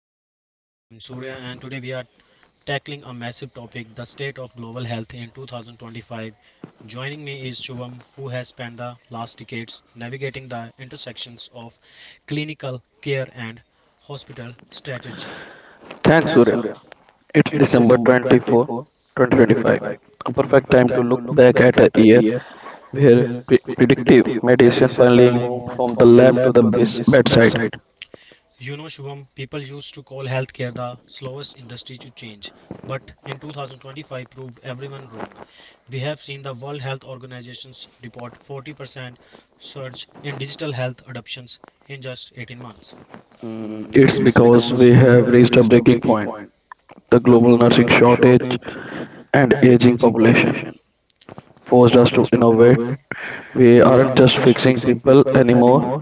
Vital Sign. I am Surya, and today we are tackling a massive topic the state of global health in 2025. Joining me is Shubham, who has spent the last decades navigating the intersections of clinical care and hospital strategy. Thanks, Surya. It's December 24, 2025, a perfect time to look back at a year where predictive medicine finally moved from the lab to the bedside. You know, Shubham, people used to call healthcare the slowest industry to change, but in 2025 proved everyone wrong. We have seen the World Health Organization's report 40% surge in digital health adoptions in just 18 months. It's because we have reached a breaking point. The global nursing shortage and aging population forced us to innovate. We aren't just fixing people anymore,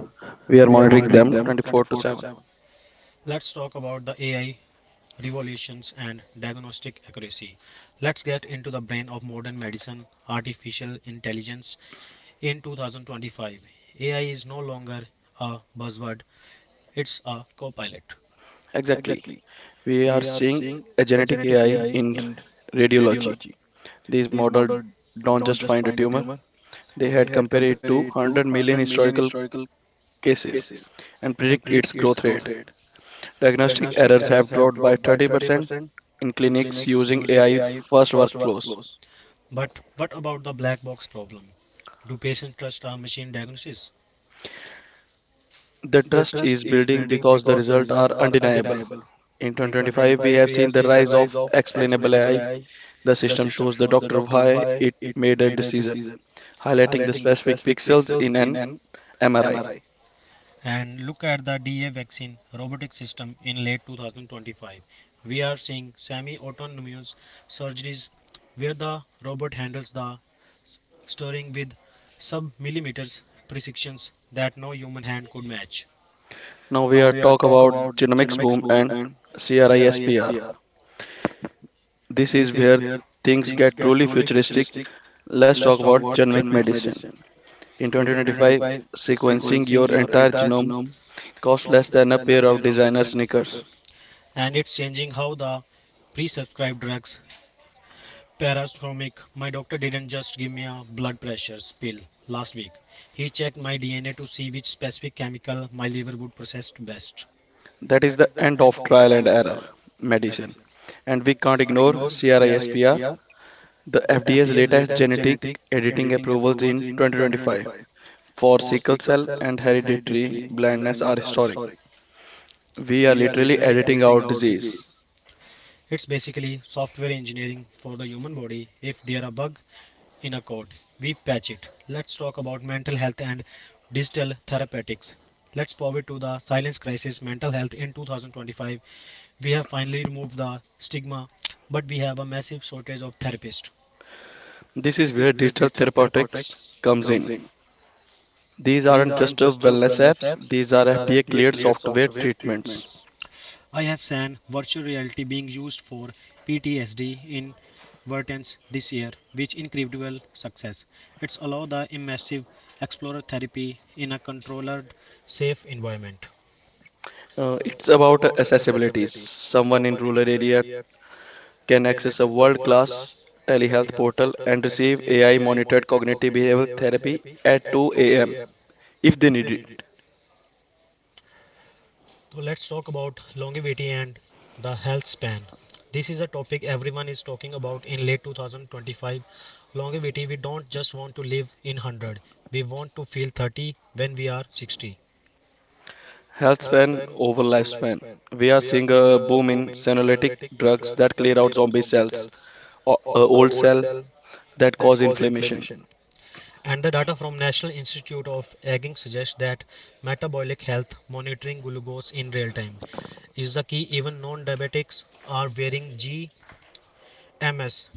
we are monitoring them 24 to 7. Let's talk about the AI revolutions and diagnostic accuracy. Let's get into the brain of modern medicine, artificial intelligence in 2025. AI is no longer a buzzword, it's a co pilot. Exactly. We are seeing a genetic AI in radiology. These models don't just find a tumor, they had compared it to 100 million historical cases and predict its growth rate. Diagnostic errors have dropped by 30% in clinics using AI first workflows. But what about the black box problem? Do patients trust our machine diagnosis? The trust is building because the results are undeniable. In 2025, we have seen the rise of explainable AI. The system shows the doctor why it made a decision, highlighting the specific pixels in an MRI. And look at the DA vaccine robotic system in late 2025. We are seeing semi autonomous surgeries where the robot handles the stirring with sub millimeters precisions that no human hand could match. Now we are talk about genomics boom and CRISPR. This is where things get truly futuristic. Let's talk about genomic medicine. In 2025, sequencing your entire genome costs less than a pair of designer sneakers. And it's changing how the pre-subscribed drugs Paraschomic. My doctor didn't just give me a blood pressure pill last week. He checked my DNA to see which specific chemical my liver would process best. That is the end of trial and error medicine. And we can't ignore CRISPR, the FDA's latest genetic editing approvals in 2025 for sickle cell and hereditary blindness are historic. We are literally editing out disease. It's basically software engineering for the human body. If there a bug in a code, we patch it. Let's talk about mental health and digital therapeutics. Let's forward to the silence crisis mental health in 2025. We have finally removed the stigma, but we have a massive shortage of therapists. This is where digital therapeutics comes in. These aren't just wellness apps, these are FDA cleared software treatments. I have seen virtual reality being used for PTSD in Vertens this year, which incredible success. It's allow the immersive explorer therapy in a controlled, safe environment. It's about accessibility. Someone in rural area can access a world class telehealth portal and receive AI monitored cognitive behavioral therapy at 2 a.m. if they need it. So let's talk about longevity and the health span. This is a topic everyone is talking about in late 2025. Longevity, we don't just want to live in 100. We want to feel 30 when we are 60. Health span over lifespan. We are seeing a boom in senolytic drugs that clear out zombie cells or old cell that cause inflammation. And the data from National Institute of Aging suggests that metabolic health monitoring glucose in real time is the key. Even non-diabetics are wearing GMS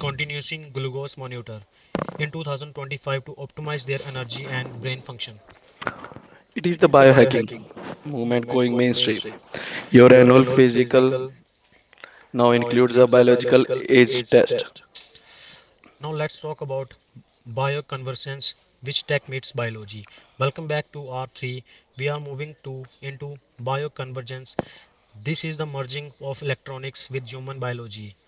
continuous glucose monitor in 2025 to optimize their energy and brain function. It is the biohacking movement going mainstream. Your annual physical now includes a biological age test. Now let's talk about bioconvergence which tech meets biology. Welcome back to R3. We are moving to into bioconvergence. This is the merging of electronics with human biology.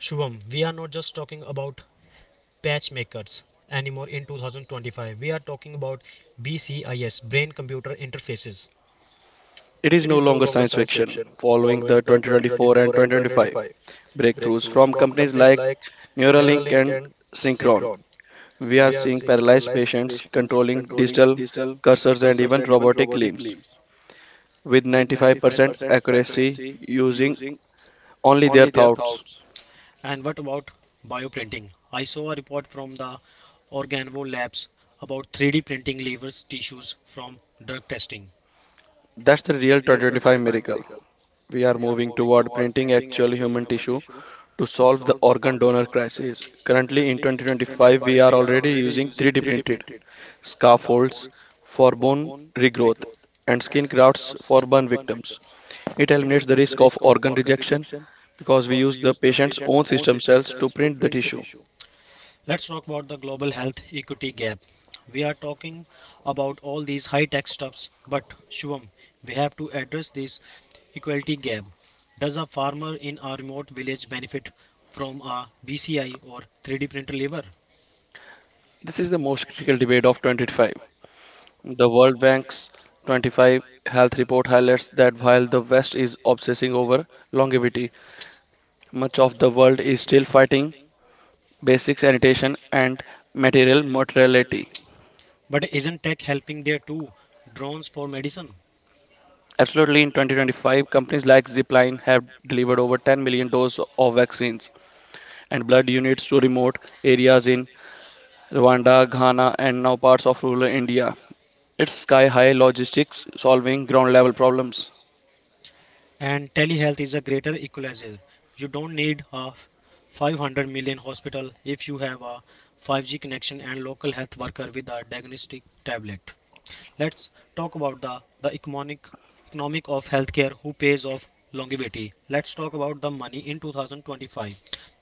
Shubham, we are not just talking about patchmakers anymore in 2025. We are talking about BCIS, brain computer interfaces. It is no longer science fiction, following the 2024 and 2025 breakthroughs from companies like Neuralink and Synchron. We are seeing paralyzed patients controlling digital cursors and even robotic limbs with 95% accuracy using only their thoughts. And what about bioprinting? I saw a report from the Organvo Labs about 3D printing livers tissues from drug testing. That's the real 2025 miracle. We are moving toward printing actual human tissue to solve the organ donor crisis. Currently, in 2025, we are already using 3D printed scaffolds for bone regrowth and skin grafts for burn victims. It eliminates the risk of organ rejection because we use the patient's own system cells to print the tissue. Let's talk about the global health equity gap. We are talking about all these high tech stuffs, but Shubham, we have to address this equality gap. Does a farmer in a remote village benefit from a BCI or 3D printer lever? This is the most critical debate of 2025. The World Bank's 25 health report highlights that while the West is obsessing over longevity, much of the world is still fighting basic sanitation and material mortality. But isn't tech helping there too? Drones for medicine? Absolutely, in 2025, companies like Zipline have delivered over 10 million doses of vaccines and blood units to remote areas in Rwanda, Ghana, and now parts of rural India. It's sky high logistics solving ground level problems. And telehealth is a greater equalizer. You don't need a 500 million hospital if you have a 5G connection and local health worker with a diagnostic tablet. Let's talk about the economic of healthcare who pays off longevity. Let's talk about the money in 2025.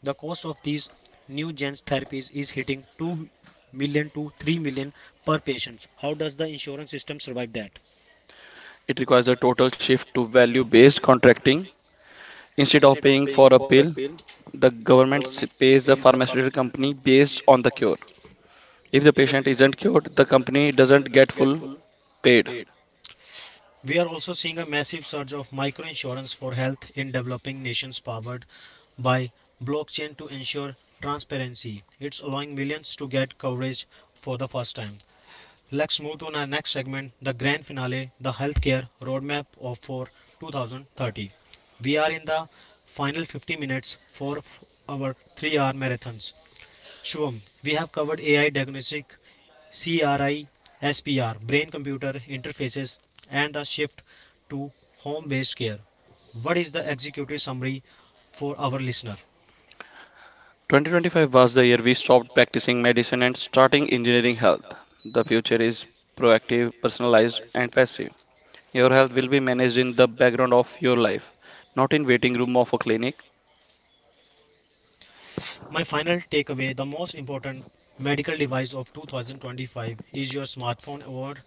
The cost of these new gens therapies is hitting 2 million to 3 million per patient. How does the insurance system survive that? It requires a total shift to value based contracting. Instead of paying for a pill, the government pays the pharmaceutical company based on the cure. If the patient isn't cured, the company doesn't get full paid. We are also seeing a massive surge of microinsurance for health in developing nations powered by blockchain to ensure transparency. It's allowing millions to get coverage for the first time. Let's move to our next segment, the grand finale, the healthcare roadmap of for 2030. We are in the final 50 minutes for our 3-hour marathons. Shubham, we have covered AI diagnostic, CRISPR, brain computer interfaces, and the shift to home based care. What is the executive summary for our listener? 2025 was the year we stopped practicing medicine and starting engineering health. The future is proactive, personalized, and passive. Your health will be managed in the background of your life, not in waiting room of a clinic. My final takeaway the most important medical device of 2025 is your smartphone or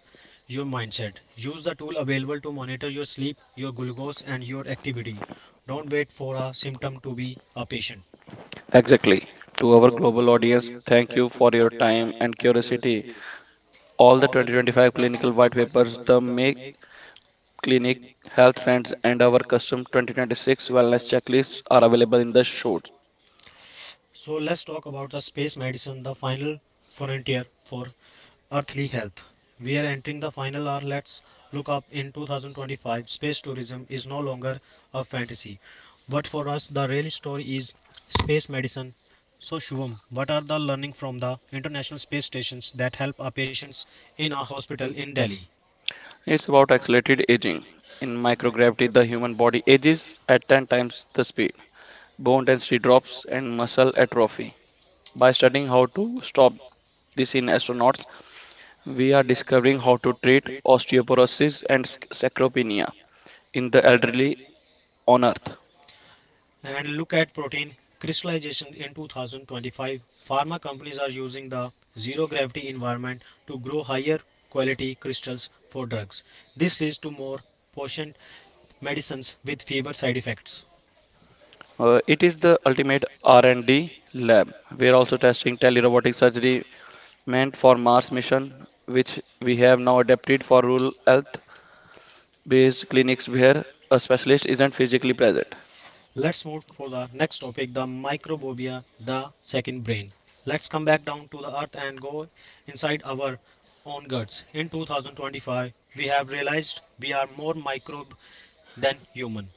your mindset. Use the tool available to monitor your sleep, your glucose, and your activity. Don't wait for a symptom to be a patient. Exactly. To our global audience, thank you for your time and curiosity. All the 2025 clinical white papers, the Make Clinic health trends, and our custom 2026 wellness checklists are available in the show. So let's talk about the space medicine, the final frontier for earthly health. We are entering the final hour. Let's look up in 2025. Space tourism is no longer a fantasy. But for us, the real story is space medicine. So, Shubham, what are the learning from the International Space Stations that help our patients in our hospital in Delhi? It's about accelerated aging. In microgravity, the human body ages at 10 times the speed. Bone density drops and muscle atrophy. By studying how to stop this in astronauts, we are discovering how to treat osteoporosis and sarcopenia in the elderly on Earth. And look at protein crystallization in 2025. Pharma companies are using the zero gravity environment to grow higher quality crystals for drugs. This leads to more potent medicines with fewer side effects. It is the ultimate R&D lab. We are also testing telerobotic surgery meant for Mars mission, which we have now adapted for rural health based clinics where a specialist isn't physically present. Let's move for the next topic, the microbiota, the second brain. Let's come back down to the earth and go inside our own guts in 2025. We have realized we are more microbe than human.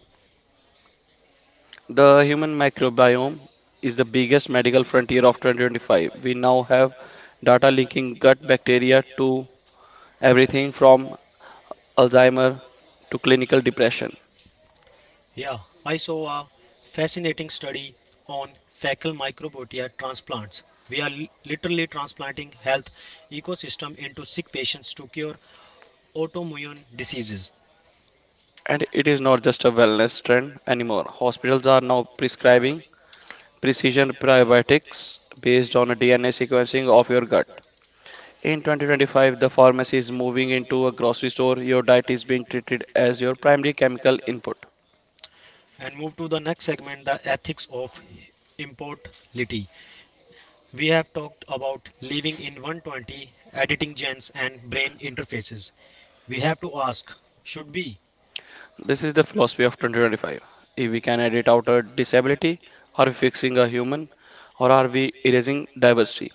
The human microbiome is the biggest medical frontier of 2025. We now have data linking gut bacteria to everything from Alzheimer to clinical depression. Yeah, I saw a fascinating study on fecal microbiota transplants. We are literally transplanting health ecosystem into sick patients to cure autoimmune diseases. And it is not just a wellness trend anymore. Hospitals are now prescribing precision probiotics based on a DNA sequencing of your gut. In 2025, the pharmacy is moving into a grocery store. Your diet is being treated as your primary chemical input. And move to the next segment, the ethics of immortality. We have talked about living in 120, editing genes and brain interfaces. We have to ask, should we This is the philosophy of 2025. If we can edit out a disability, are we fixing a human, or are we erasing diversity?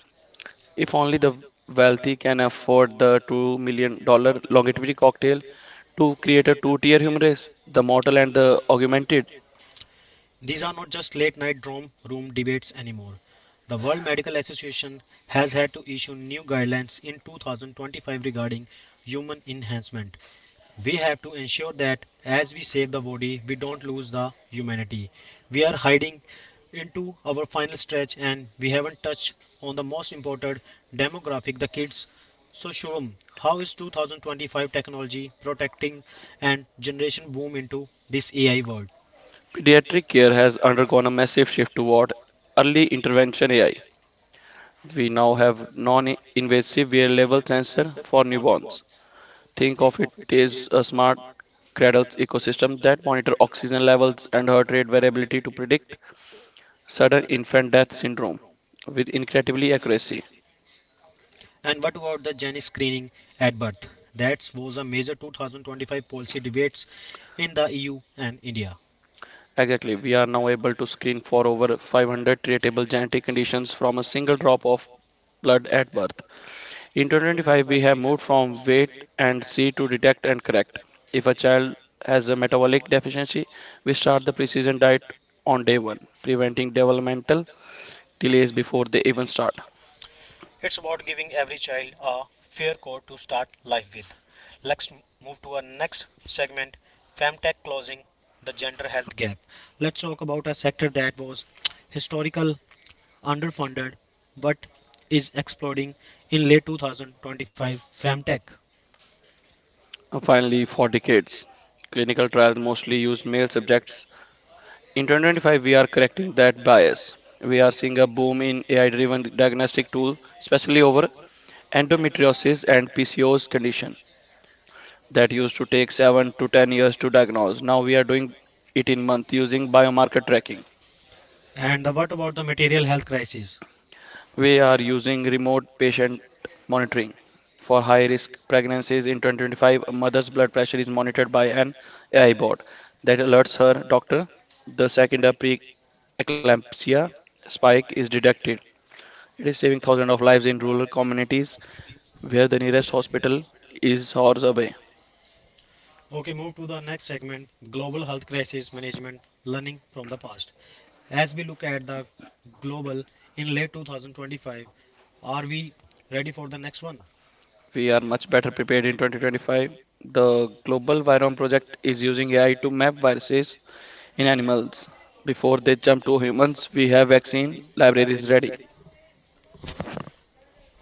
If only the wealthy can afford the $2 million dollar longevity cocktail to create a two tier human race, the mortal and the augmented, These are not just late night dorm room debates anymore. The World Medical Association has had to issue new guidelines in 2025 regarding human enhancement. We have to ensure that as we save the body, we don't lose the humanity. We are hiding into our final stretch and we haven't touched on the most important demographic, the kids. So, Shubham, how is 2025 technology protecting and generation boom into this AI world? pediatric care has undergone a massive shift toward early intervention AI. We now have non-invasive wearable sensor for newborns. Think of it as a smart cradle ecosystem that monitor oxygen levels and heart rate variability to predict sudden infant death syndrome with incredibly accuracy. And what about the gene screening at birth? That was a major 2025 policy debates in the EU and India. Exactly, we are now able to screen for over 500 treatable genetic conditions from a single drop of blood at birth. In 2025, we have moved from wait and see to detect and correct. If a child has a metabolic deficiency, we start the precision diet on day one, preventing developmental delays before they even start. It's about giving every child a fair court to start life with. Let's move to our next segment, Femtech closing the gender health gap. Let's talk about a sector that was historical, underfunded, but is exploding in late 2025 Femtech. And finally, for decades, clinical trials mostly use male subjects. In 2025, we are correcting that bias. We are seeing a boom in AI driven diagnostic tools, especially over endometriosis and PCOS condition that used to take 7 to 10 years to diagnose. Now we are doing it in month using biomarker tracking. And what about the material health crisis? We are using remote patient monitoring. For high risk pregnancies in 2025, a mother's blood pressure is monitored by an AI bot that alerts her doctor the second a preeclampsia spike is detected. It is saving thousands of lives in rural communities where the nearest hospital is hours away. Okay, move to the next segment global health crisis management, learning from the past. As we look at the global in late 2025, are we ready for the next one? We are much better prepared in 2025. The Global Virome Project is using AI to map viruses in animals. Before they jump to humans, we have vaccine libraries ready.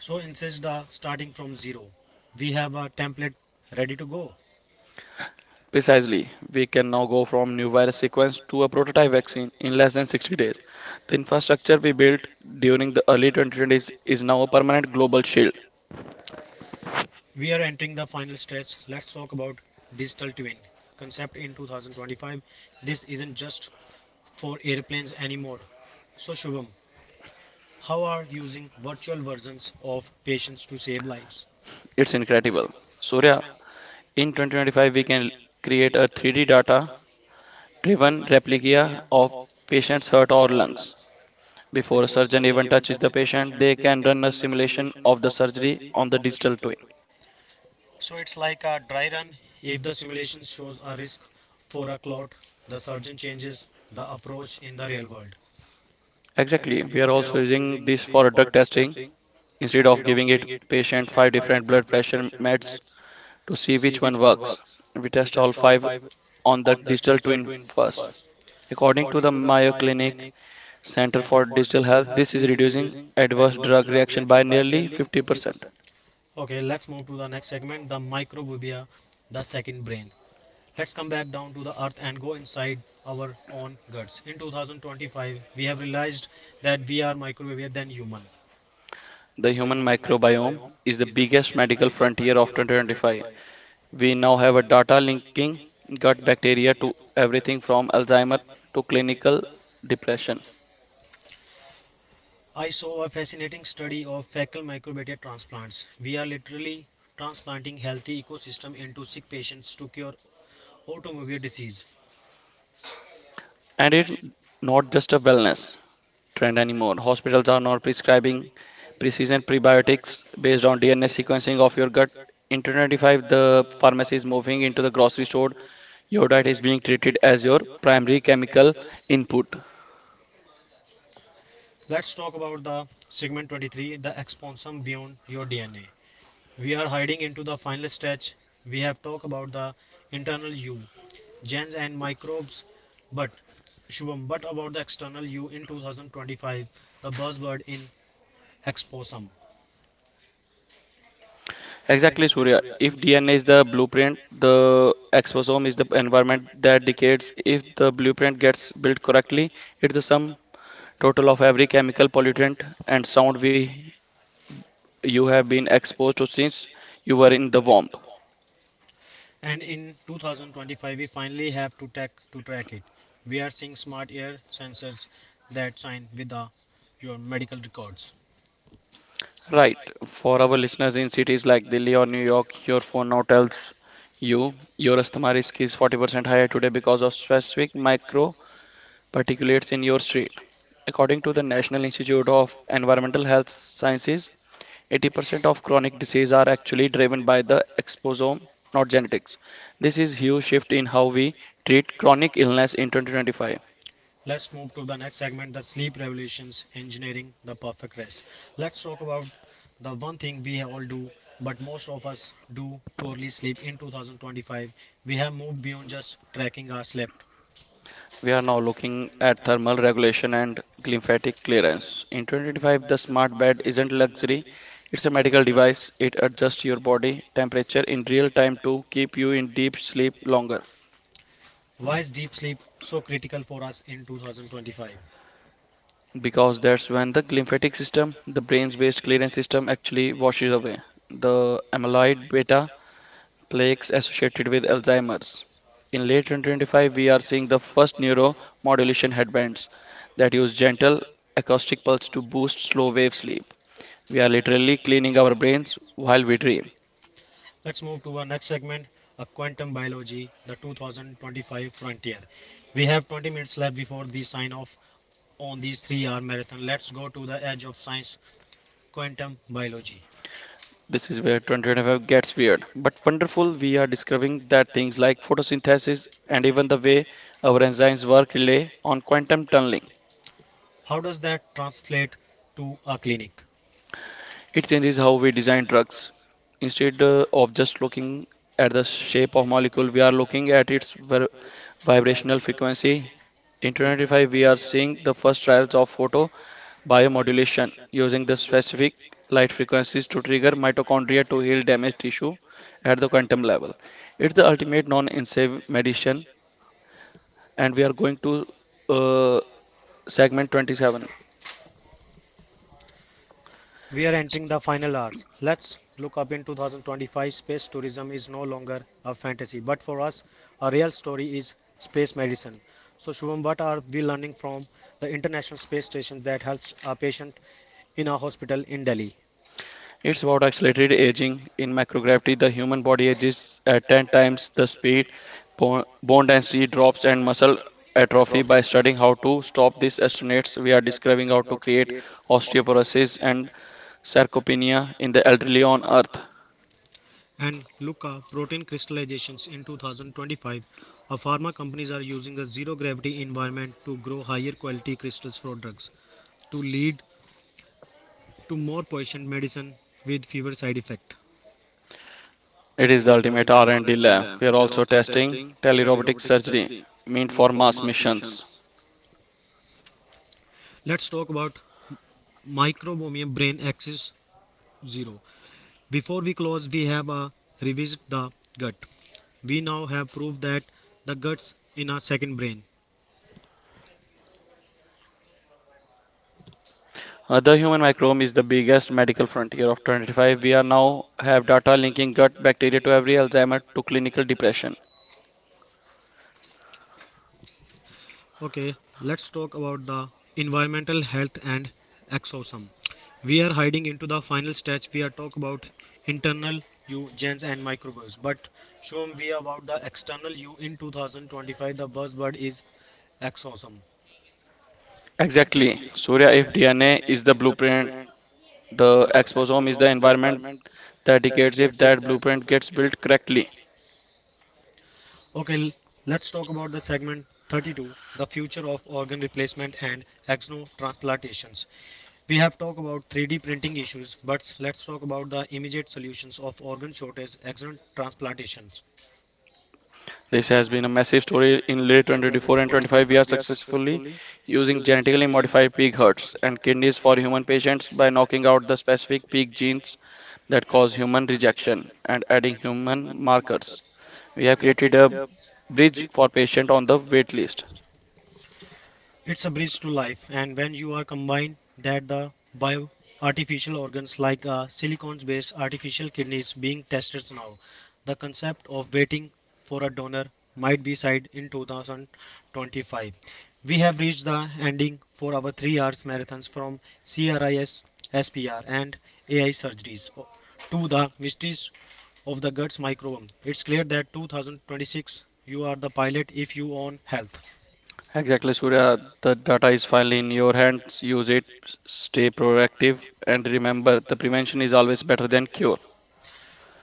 So, insist the starting from zero. We have a template ready to go. Precisely, we can now go from new virus sequence to a prototype vaccine in less than 60 days. The infrastructure we built during the early 2020s is now a permanent global shield. We are entering the final stretch. Let's talk about digital twin concept in 2025. This isn't just for airplanes anymore. So, Shubham, how are using virtual versions of patients to save lives? It's incredible. Surya, in 2025, we can create a 3D data driven replica of patient's heart or lungs. Before a surgeon even touches the patient, they can run a simulation of the surgery on the digital twin. So it's like a dry run. If the simulation shows a risk for a clot, the surgeon changes the approach in the real world. Exactly, we are also using this for drug testing. Instead of giving it patient five different blood pressure meds to see which one works, we test all five on the digital twin first. According to the Mayo Clinic Center for Digital Health, this is reducing adverse drug reaction by nearly 50%. Okay, let's move to the next segment the microbubia, the second brain. Let's come back down to the earth and go inside our own guts. In 2025, we have realized that we are microbia than human. The human microbiome is the biggest medical frontier of 2025. We now have a data linking gut bacteria to everything from Alzheimer to clinical depression. I saw a fascinating study of fecal microbiota transplants. We are literally transplanting healthy ecosystem into sick patients to cure autoimmune disease. And it's not just a wellness trend anymore. Hospitals are now prescribing precision prebiotics based on DNA sequencing of your gut. In 2025, the pharmacy is moving into the grocery store. Your diet is being treated as your primary chemical input. Let's talk about the segment 23, the exponsom beyond your DNA. We are hiding into the final stretch. We have talked about the internal you, genes and microbes, but Shubham, but about the external you in 2025, the buzzword in exposome. Exactly, Surya. If DNA is the blueprint, the exposome is the environment that decays. If the blueprint gets built correctly, it's the sum total of every chemical pollutant and sound we you have been exposed to since you were in the womb. And in 2025, we finally have to track it. We are seeing smart ear sensors that sign with your medical records. Right. For our listeners in cities like Delhi or New York, your phone now tells you your asthma risk is 40% higher today because of specific micro particulates in your street. According to the National Institute of Environmental Health Sciences, 80% of chronic disease are actually driven by the exposome, not genetics. This is huge shift in how we treat chronic illness in 2025. Let's move to the next segment the sleep revolutions, engineering the perfect rest. Let's talk about the one thing we all do, but most of us do poorly sleep in 2025. We have moved beyond just tracking our sleep. We are now looking at thermal regulation and lymphatic clearance. In 2025, the smart bed isn't luxury; it's a medical device. It adjusts your body temperature in real time to keep you in deep sleep longer. Why is deep sleep so critical for us in 2025? Because that's when the lymphatic system, the brain's waste clearance system, actually washes away the amyloid beta plaques associated with Alzheimer's. In late 2025, we are seeing the first neuromodulation headbands that use gentle acoustic pulse to boost slow wave sleep. We are literally cleaning our brains while we dream. Let's move to our next segment a quantum biology, the 2025 frontier. We have 20 minutes left before we sign off on these 3-hour marathon. Let's go to the edge of science, quantum biology. This is where 2025 gets weird, but wonderful. We are discovering that things like photosynthesis and even the way our enzymes work rely on quantum tunneling. How does that translate to a clinic? It changes how we design drugs. Instead of just looking at the shape of molecule, we are looking at its vibrational frequency. In 2025, we are seeing the first trials of photo biomodulation using the specific light frequencies to trigger mitochondria to heal damaged tissue at the quantum level. It's the ultimate non-invasive medicine, and we are going to uh, segment 27. We are entering the final hours. Let's look up in 2025. Space tourism is no longer a fantasy, but for us, a real story is space medicine. So, Shubham, what are we learning from the International Space Station that helps a patient in a hospital in Delhi? It's about accelerated aging. In microgravity, the human body ages at 10 times the speed. Bone density drops, and muscle atrophy. By studying how to stop this, astronauts we are describing how to create osteoporosis and sarcopenia in the elderly on Earth. And Luca, protein crystallizations in 2025. A pharma companies are using a zero gravity environment to grow higher quality crystals for drugs to lead to more potent medicine with fewer side effects. It is the ultimate R&D lab. We are also testing telerobotic surgery, meant for mass missions. Let's talk about microbiome brain axis zero. Before we close, we have revisit the gut. We now have proved that the guts in our second brain. The human microbiome is the biggest medical frontier of 25. We are now have data linking gut bacteria to every Alzheimer to clinical depression. Okay, let's talk about the environmental health and exosome. We are hiding into the final stage. We are talk about internal you gens and microbes, but Shum, we about the external you in 2025. The buzzword is exosome. Exactly. Surya, if DNA is the blueprint, the exposome is the environment that dictates if that blueprint gets built correctly. Okay, let's talk about the segment 32 the future of organ replacement and ex novo transplantations. We have talked about 3D printing issues, but let's talk about the immediate solutions of organ shortage, ex novo transplantations. This has been a massive story in late 2024 and 25. We are successfully using genetically modified pig hearts and kidneys for human patients by knocking out the specific pig genes that cause human rejection and adding human markers. We have created a bridge for patients on the wait list. It's a bridge to life, and when you are combined that the bio artificial organs like silicone based artificial kidneys being tested now, the concept of waiting for a donor might be side in 2025. We have reached the ending for our 3-hour marathons from CRIS, SPR, and AI surgeries to the mysteries of the guts microbiome. It's clear that 2026 you are the pilot if you own health. Exactly, Surya. The data is finally in your hands. Use it, stay proactive, and remember the prevention is always better than cure.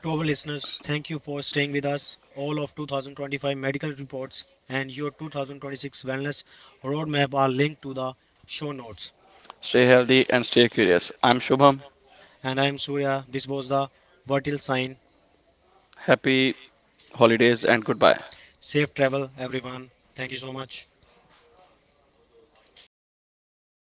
To our listeners, thank you for staying with us all of 2025 medical reports and your 2026 wellness roadmap are linked to the show notes. Stay healthy and stay curious. I'm Shubham. And I am Surya. This was the Vertil sign. Happy holidays and goodbye. Safe travel, everyone. Thank you so much.